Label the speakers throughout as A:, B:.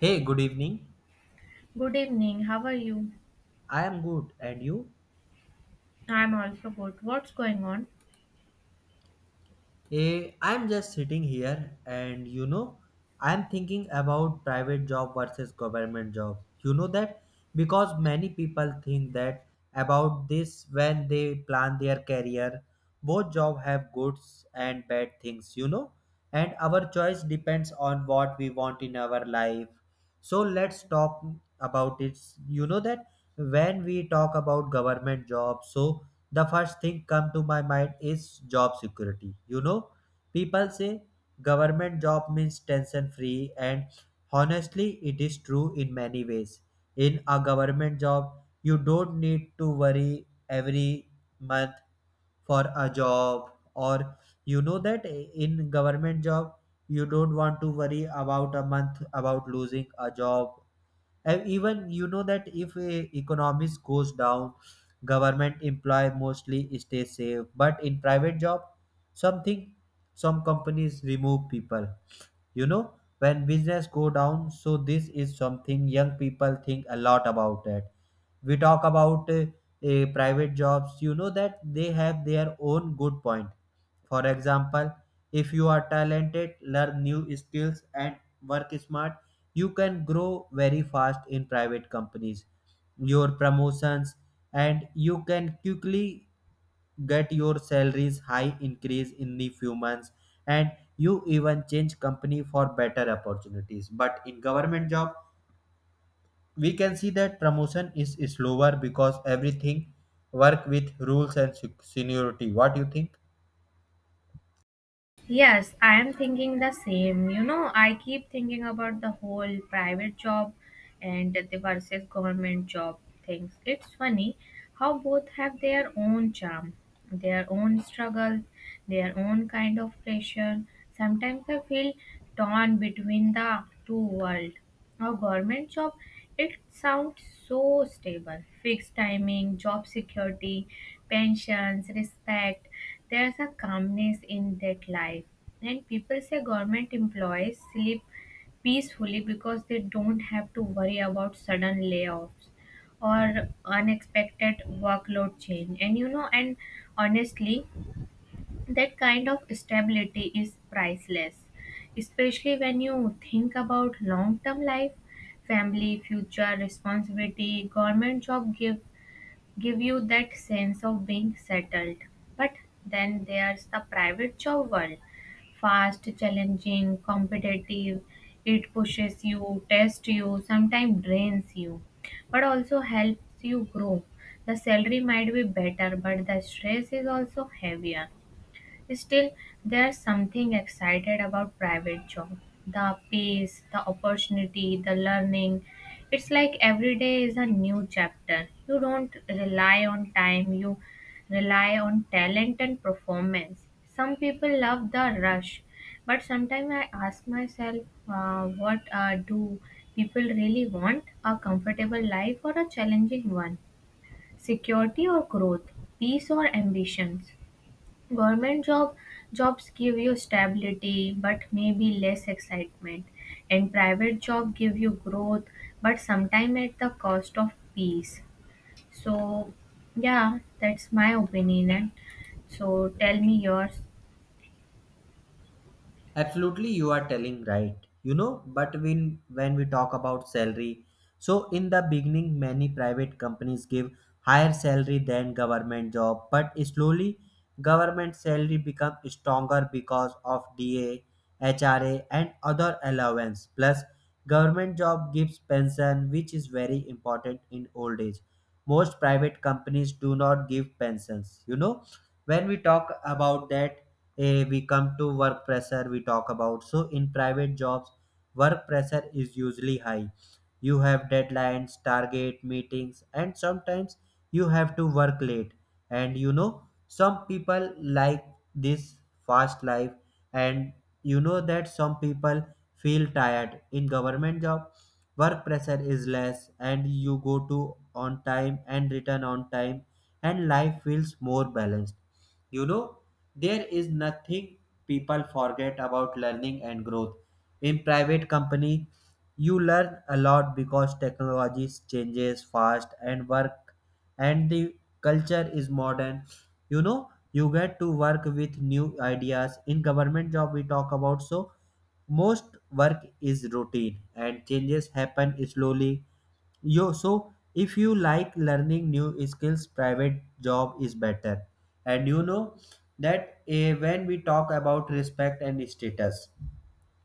A: Hey, good evening.
B: Good evening. How are you?
A: I am good, and you?
B: I'm also good. What's going on?
A: I am just sitting here, and I am thinking about private job versus government job. You know that because many people think that about this when they plan their career. Both job have goods and bad things, and our choice depends on what we want in our life. So let's talk about it. You know that when we talk about government job, so the first thing come to my mind is job security, you know, people say government job means tension free, and honestly it is true in many ways. In a government job you don't need to worry every month for a job. Or you know that in government job you don't want to worry about a month about losing a job. And even you know that if economics goes down, government employee mostly stay safe, but in private job something, some companies remove people, you know, when business go down. So this is something young people think a lot about that. We talk about private jobs, you know that they have their own good point. For example, if you are talented, learn new skills and work smart, you can grow very fast in private companies, your promotions, and you can quickly get your salaries high increase in the few months. And you even change company for better opportunities, but in government job we can see that promotion is slower because everything work with rules and seniority. What do you think?
B: Yes, I am thinking the same. You know, I keep thinking about the whole private job and the versus government job things. It's funny how both have their own charm, their own struggles, their own kind of pressure. Sometimes I feel torn between the two worlds. A government job, it sounds so stable. Fixed timing, job security, pensions, respect. There's a calmness in that life. And people say government employees sleep peacefully because they don't have to worry about sudden layoffs or unexpected workload change. And you know, and honestly, that kind of stability is priceless, especially when you think about long term life, family, future responsibility. Government job give you that sense of being settled. But then there's the private job world: fast, challenging, competitive. It pushes you, tests you, sometimes drains you, but also helps you grow. The salary might be better, but the stress is also heavier. Still, there's something excited about private job. The pace, the opportunity, the learning. It's like every day is a new chapter. You don't rely on time, you rely on talent and performance. Some people love the rush, but sometimes I ask myself, what do people really want? A comfortable life or a challenging one? Security or growth? Peace or ambitions? Government jobs give you stability but maybe less excitement, and private job give you growth but sometimes at the cost of peace. So yeah, that's my opinion, and so tell me yours.
A: Absolutely, you are telling right. You know, but when we talk about salary, so in the beginning many private companies give higher salary than government job, but slowly government salary become stronger because of DA, HRA and other allowance. Plus government job gives pension, which is very important in old age. Most private companies do not give pensions. You know, when we talk about that, we come to work pressure. We talk about, so in private jobs work pressure is usually high. You have deadlines, target, meetings, and sometimes you have to work late. And you know, some people like this fast life. And you know that some people feel tired. In government job work pressure is less and you go to on time and return on time, and life feels more balanced. You know, there is nothing, people forget about learning and growth. In private company, you learn a lot because technology changes fast, and work and the culture is modern. You know, you get to work with new ideas. In government job we talk about, so most work is routine and changes happen slowly. Yo, so if you like learning new skills, private job is better. And you know that, when we talk about respect and status,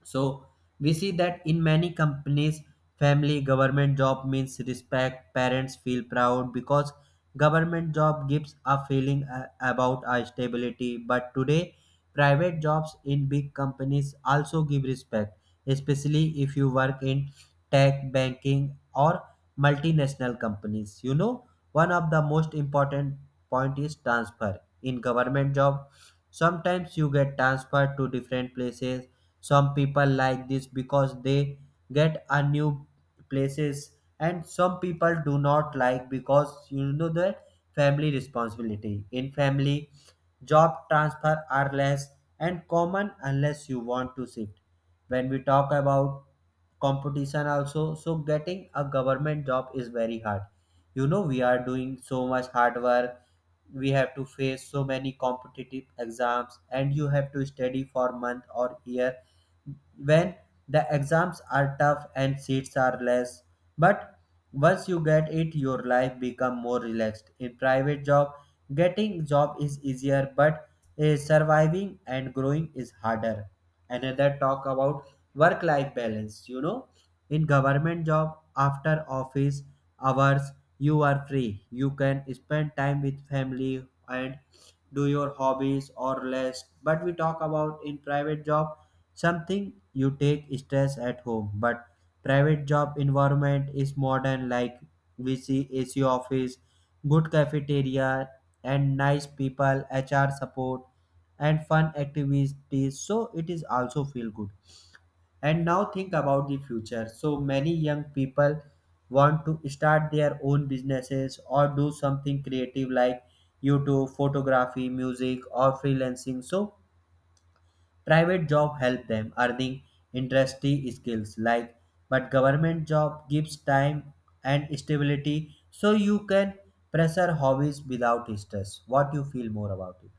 A: so we see that in many companies, family government job means respect. Parents feel proud because government job gives a feeling about our stability. But today, private jobs in big companies also give respect, especially if you work in tech, banking, or multinational companies. You know, one of the most important point is transfer. In government job, sometimes you get transferred to different places. Some people like this because they get a new places, and some people do not like, because you know that family responsibility, in family job transfer are less and common unless you want to shift. When we talk about competition also, so getting a government job is very hard. You know, we are doing so much hard work, we have to face so many competitive exams, and you have to study for month or year. When the exams are tough and seats are less, but once you get it, your life become more relaxed. In private job, getting job is easier, but surviving and growing is harder. Another talk about work life balance. You know, in government job after office hours you are free, you can spend time with family and do your hobbies or less. But we talk about in private job, something you take stress at home. But private job environment is modern, like we see AC office, good cafeteria, and nice people, HR support, and fun activities, so it is also feel good. And now think about the future. So many young people want to start their own businesses or do something creative like YouTube, photography, music, or freelancing. So private job help them earning industry skills, like, but government job gives time and stability, so you can pressure hobbies without stress. What you feel more about it?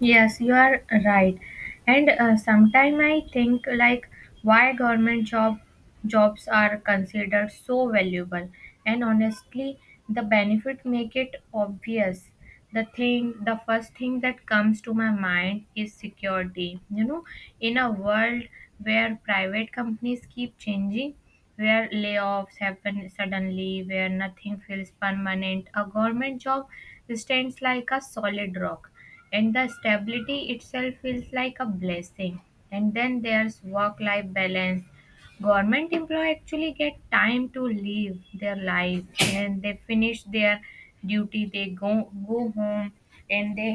B: Yes, you are right. And sometime I think like why government jobs are considered so valuable. And honestly, the benefit make it obvious. The thing, the first thing that comes to my mind is security. You know, in a world where private companies keep changing, where layoffs happen suddenly, where nothing feels permanent, a government job stands like a solid rock, and the stability itself feels like a blessing. And then there's work life balance. Government employee actually get time to live their life, and they finish their duty, they go home, and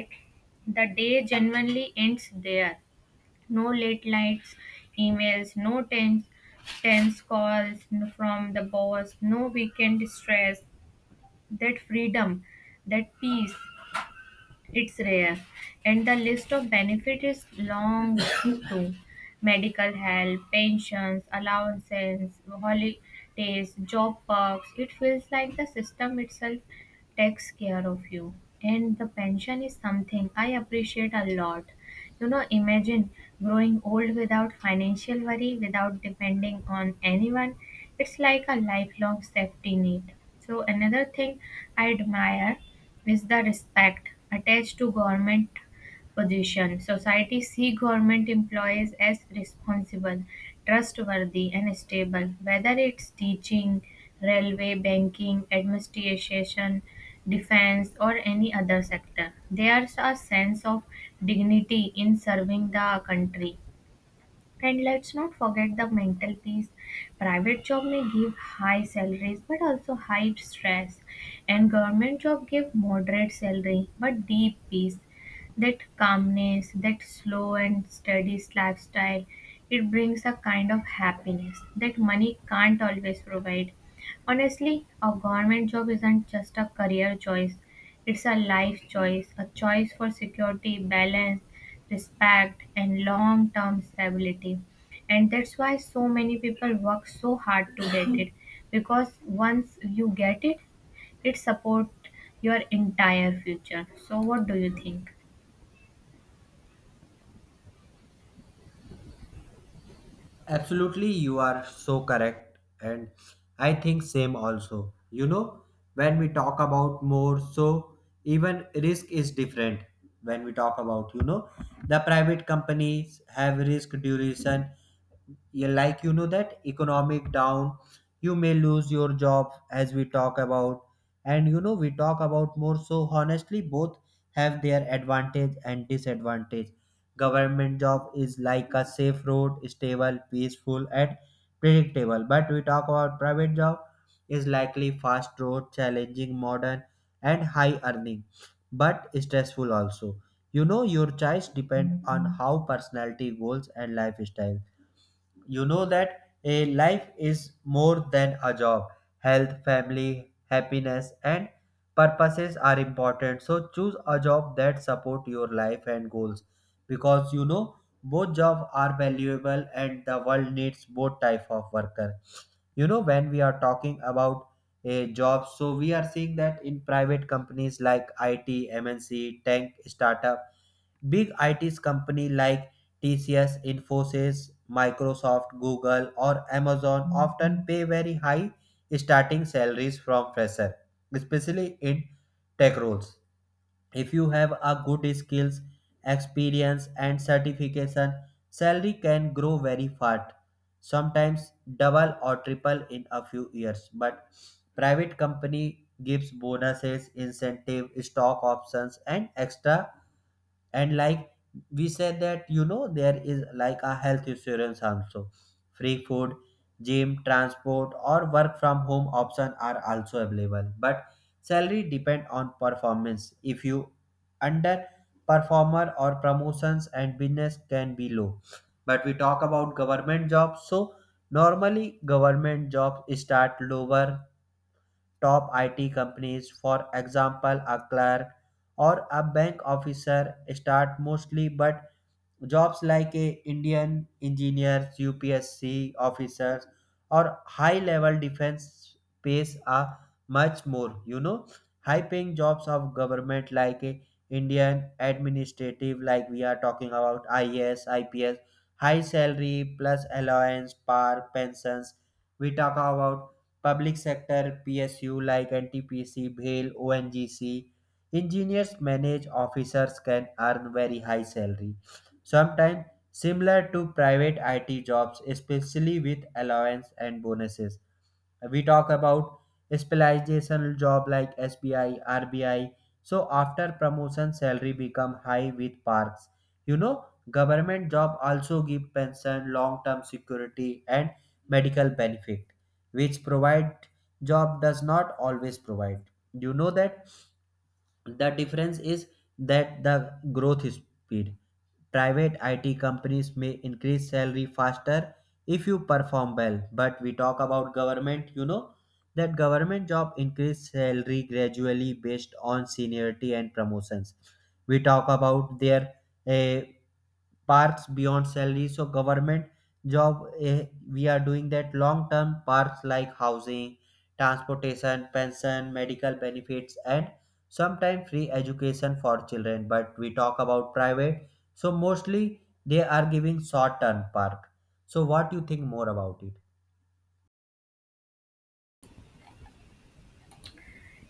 B: the day genuinely ends there. No late nights emails, no tense calls from the boss, no weekend stress. That freedom, that peace, it's rare, and the list of benefits is long too. Medical help, pensions, allowances, holidays, job perks. It feels like the system itself takes care of you. And the pension is something I appreciate a lot. You know, imagine growing old without financial worry, without depending on anyone. It's like a lifelong safety net. So, another thing I admire is the respect attached to government position. Society see government employees as responsible, trustworthy, and stable. Whether it's teaching, railway, banking, administration, defense, or any other sector, there's a sense of dignity in serving the country. And let's not forget the mental peace. Private job may give high salaries but also high stress. And government job give moderate salary but deep peace. That calmness, that slow and steady lifestyle, it brings a kind of happiness that money can't always provide. Honestly, a government job isn't just a career choice, it's a life choice, a choice for security, balance, respect, and long term stability. And that's why so many people work so hard to get it, because once you get it, it supports your entire future. So, what do you think?
A: Absolutely, you are so correct, and I think same also. You know, when we talk about more, so even risk is different. When we talk about, you know, the private companies have risk duration, yeah, like you know that economic down, you may lose your job, as we talk about. And you know, we talk about more, so honestly both have their advantage and disadvantage. Government job is like a safe road, stable, peaceful and predictable. But we talk about private job, is likely fast road, challenging, modern and high earning, but stressful also. You know, your choice depend on how personality, goals and lifestyle. You know that a life is more than a job. Health, family, happiness, and purposes are important. So choose a job that support your life and goals because you know both jobs are valuable and the world needs both type of worker. You know, when we are talking about a job, so we are seeing that in private companies like IT, MNC, tech startup. Big IT companies like TCS, Infosys, Microsoft, Google, or Amazon often pay very high starting salaries from fresher, especially in tech roles. If you have a good skills, experience, and certification, salary can grow very fast, sometimes double or triple in a few years. But private company gives bonuses, incentive, stock options, and extra. And like we said that, you know, there is like a health insurance also, free food, gym, transport, or work from home option are also available. But salary depend on performance. If you under performer, or promotions and business can be low. But we talk about government jobs, so normally government jobs start lower. Top IT companies, for example, a clerk or a bank officer, start mostly. But jobs like Indian engineers, UPSC officers, or high level defense pays are much more. You know, high paying jobs of government like Indian administrative, like we are talking about IAS, IPS, high salary plus allowance, par, pensions. We talk about public sector PSU like NTPC, BHEL, ONGC. Engineers manage officers can earn very high salary, sometimes similar to private IT jobs, especially with allowance and bonuses. We talk about specializational job like SBI, RBI. So after promotion, salary become high with parks. You know, government job also give pension, long-term security, and medical benefit, which provide job does not always provide. You know that the difference is that the growth speed, private IT companies may increase salary faster if you perform well. But we talk about government, you know, that government job increase salary gradually based on seniority and promotions. We talk about their, eh, parks beyond salary, so government job, we are doing that long term parks like housing, transportation, pension, medical benefits, and sometimes free education for children. But we talk about private, so mostly they are giving short term park. So what do you think more about it?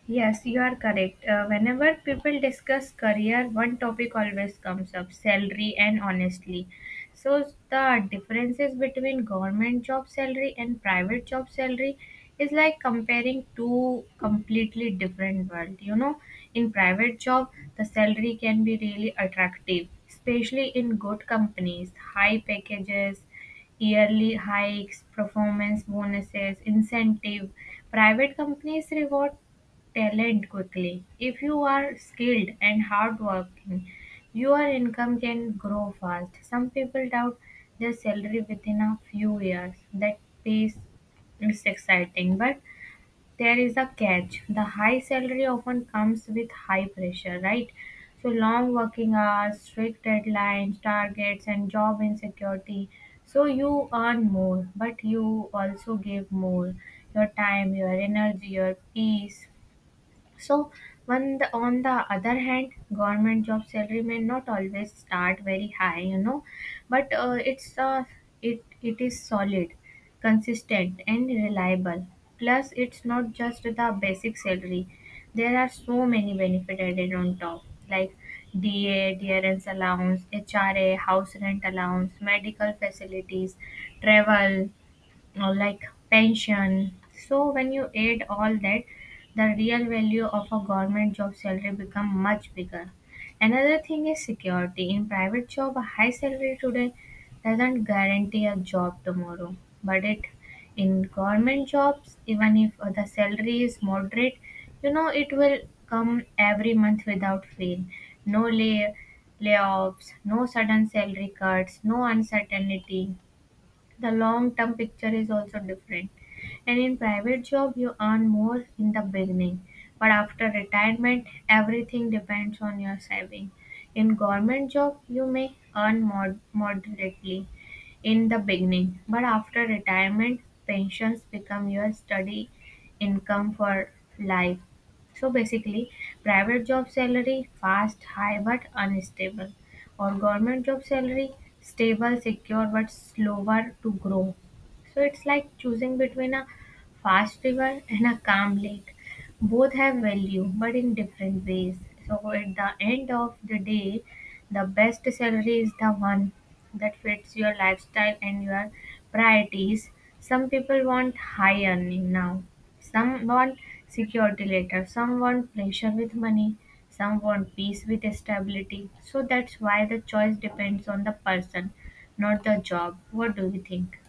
B: Yes, you are correct. Whenever people discuss career, one topic always comes up: salary. And honestly, So, the differences between government job salary and private job salary is like comparing two completely different world. You know, in private job, the salary can be really attractive, especially in good companies, high packages, yearly hikes, performance bonuses, incentive. Private companies reward talent quickly. If you are skilled and hardworking, your income can grow fast. Some people doubt their salary within a few years. That pace is exciting, but there is a catch. The high salary often comes with high pressure, right? So long working hours, strict deadlines, targets, and job insecurity. So you earn more, but you also give more: your time, your energy, your peace. So, on the other hand, government job salary may not always start very high, you know, but it is solid, consistent, and reliable. Plus, it's not just the basic salary. There are so many benefits added on top, like DA, DRS allowance, HRA, house rent allowance, medical facilities, travel, like pension. So when you add all that, the real value of a government job salary become much bigger. Another thing is security. In private job, a high salary today doesn't guarantee a job tomorrow. But it in government jobs, even if the salary is moderate, you know it will come every month without fail. No layoffs, no sudden salary cuts, no uncertainty. The long term picture is also different, and in private job you earn more in the beginning, but after retirement everything depends on your saving. In government job you may earn moderately in the beginning, but after retirement pensions become your steady income for life. So basically, private job salary fast, high but unstable, or government job salary stable, secure but slower to grow. So it's like choosing between a fast river and a calm lake. Both have value but in different ways. So at the end of the day, the best salary is the one that fits your lifestyle and your priorities. Some people want high earning now, some want security later, some want pressure with money, some want peace with stability. So that's why the choice depends on the person, not the job. What do you think?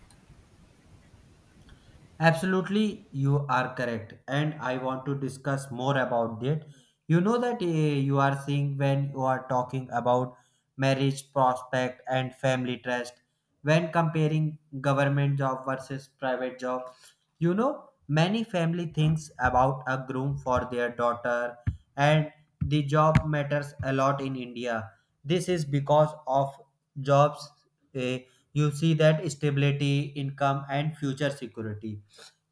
A: Absolutely, you are correct, and I want to discuss more about that. You know that, you are seeing when you are talking about marriage prospect and family trust when comparing government job versus private job. You know, many family thinks about a groom for their daughter, and the job matters a lot in India. This is because of jobs. eh, you see that stability, income, and future security,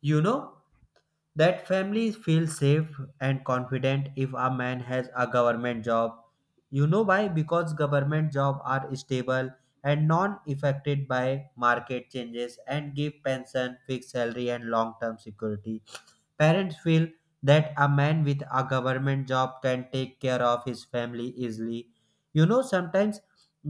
A: you know, that families feel safe and confident if a man has a government job. You know why? Because government jobs are stable and non affected by market changes, and give pension, fixed salary and long term security. Parents feel that a man with a government job can take care of his family easily. You know, sometimes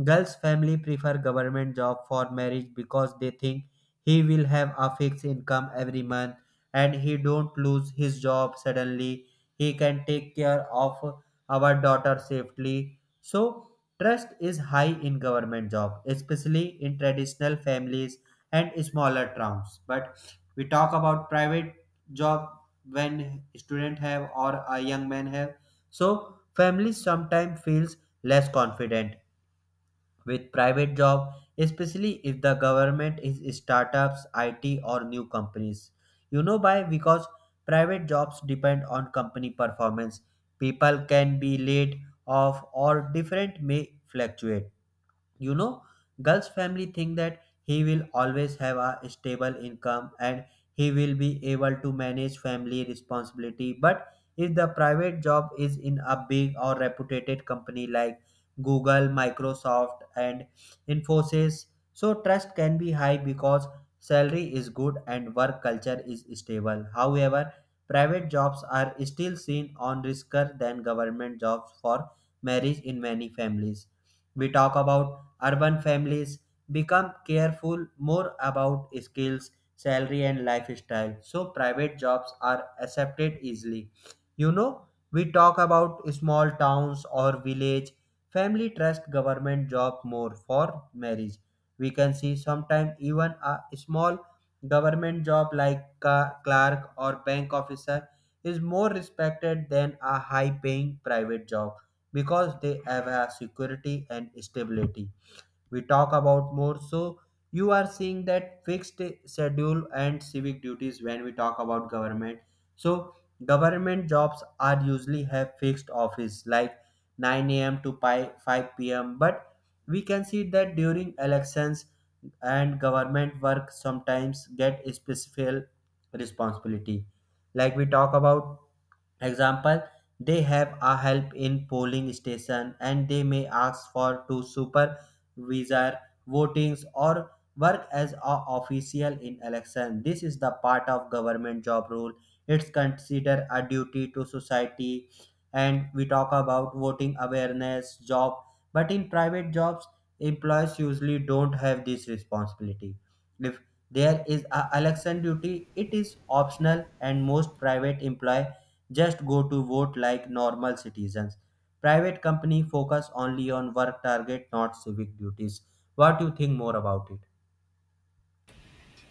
A: girls' family prefer government job for marriage because they think he will have a fixed income every month, and he don't lose his job suddenly. He can take care of our daughter safely. So trust is high in government job, especially in traditional families and smaller towns. But we talk about private job, when student have or a young man have, so family sometimes feels less confident with private job, especially if the government is startups it or new companies. You know why? Because private jobs depend on company performance, people can be laid off, or different may fluctuate. You know, girl's family think that he will always have a stable income and he will be able to manage family responsibility. But if the private job is in a big or reputed company like Google, Microsoft and Infosys, so trust can be high because salary is good and work culture is stable. However, private jobs are still seen on riskier than government jobs for marriage in many families. We talk about urban families, become careful more about skills, salary, and lifestyle. So private jobs are accepted easily. You know, we talk about small towns or village. Family trust government job more for marriage. We can see sometimes even a small government job like clerk or bank officer is more respected than a high paying private job because they have a security and stability. We talk about more, so you are seeing that fixed schedule and civic duties. When we talk about government, so government jobs are usually have fixed office like 9 a.m. to 5 p.m. But we can see that during elections and government work sometimes get special responsibility, like we talk about, example, they have a help in polling station and they may ask for to supervisor votings, or work as a official in election. This is the part of government job role. It's considered a duty to society, and we talk about voting awareness job. But in private jobs, employees usually don't have this responsibility. If there is a election duty, it is optional, and most private employee just go to vote like normal citizens. Private company focus only on work target, not civic duties. What do you think more about it?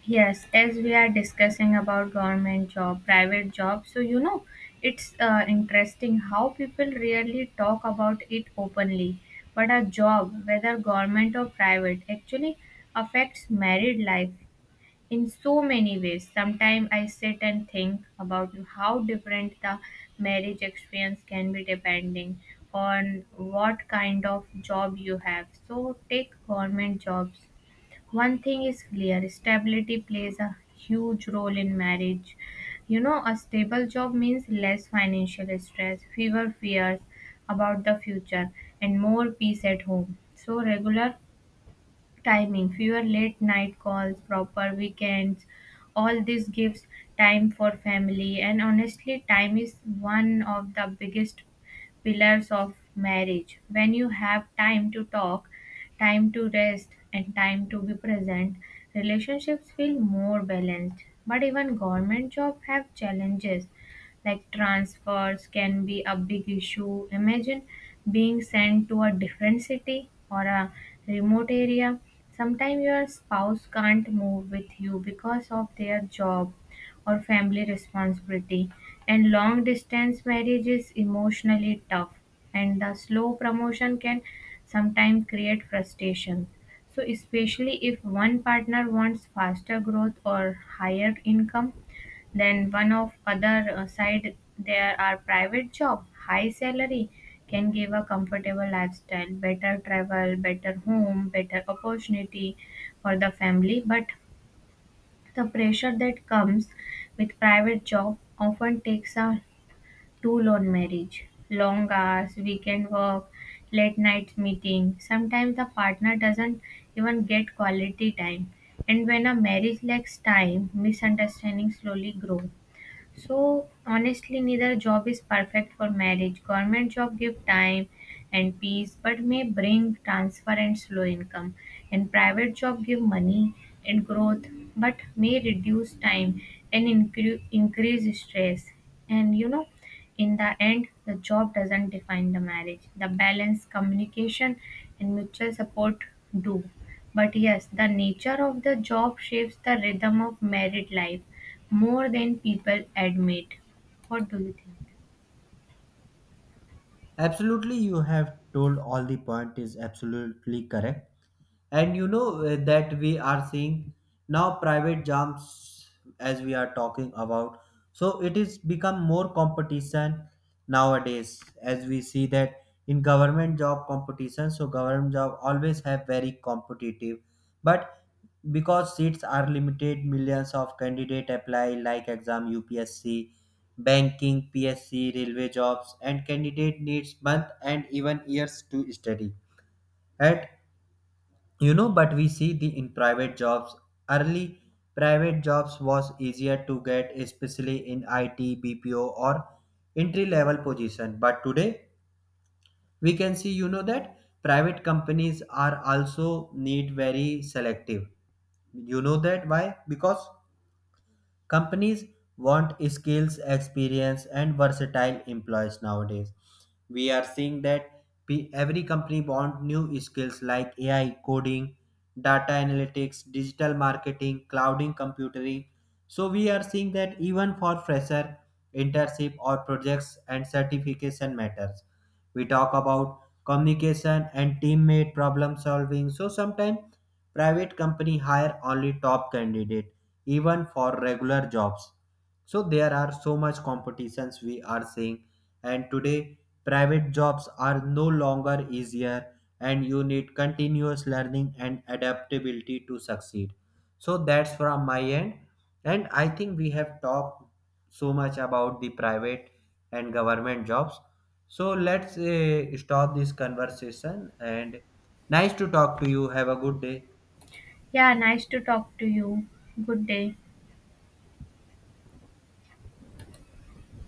B: Yes, as we are discussing about government job, private job, so you know, it's interesting how people rarely talk about it openly. But a job, whether government or private, actually affects married life in so many ways. Sometimes I sit and think about how different the marriage experience can be depending on what kind of job you have. So take government jobs. One thing is clear: stability plays a huge role in marriage. You know, a stable job means less financial stress, fewer fears about the future, and more peace at home. So, regular timing, fewer late night calls, proper weekends. All this gives time for family, and honestly, time is one of the biggest pillars of marriage. When you have time to talk, time to rest, and time to be present, relationships feel more balanced. But even government jobs have challenges, like transfers can be a big issue. Imagine being sent to a different city or a remote area. Sometimes your spouse can't move with you because of their job or family responsibility, and long distance marriage is emotionally tough. And the slow promotion can sometimes create frustration, so especially if one partner wants faster growth or higher income. Then one of other side, there are private job, high salary can give a comfortable lifestyle, better travel, better home, better opportunity for the family. But the pressure that comes with private job often takes a too long marriage, long hours, weekend work, late night meeting. Sometimes the partner doesn't even get quality time. And when a marriage lacks time, misunderstandings slowly grow. So honestly, neither job is perfect for marriage. Government job give time and peace, but may bring transfer and slow income. And private job give money and growth, but may reduce time and increase stress. And you know, in the end, the job doesn't define the marriage. The balance, communication, and mutual support do. But yes, the nature of the job shapes the rhythm of married life more than people admit. What do you think?
A: Absolutely, you have told all the point is absolutely correct. And you know, that we are seeing now private jobs, as we are talking about, so it is become more competition nowadays. As we see that in government job competition, so government job always have very competitive. But because seats are limited, millions of candidate apply like exam UPSC, banking, PSC, railway jobs, and candidate needs month and even years to study at. You know, but we see the in private jobs, early private jobs was easier to get, especially in IT, BPO, or entry level position. But today we can see, you know, that private companies are also need very selective. You know that why? Because companies want skills, experience, and versatile employees nowadays. We are seeing that every company want new skills like AI coding, data analytics, digital marketing, clouding computing. So we are seeing that even for fresher, internship or projects and certification matters. We talk about communication and teammate problem solving. So sometimes private company hire only top candidate even for regular jobs. So there are so much competitions we are seeing. And today private jobs are no longer easier, and you need continuous learning and adaptability to succeed. So that's from my end. And I think we have talked so much about the private and government jobs. So let's stop this conversation. And nice to talk to you. Have a good day.
B: Yeah, nice to talk to you. Good day.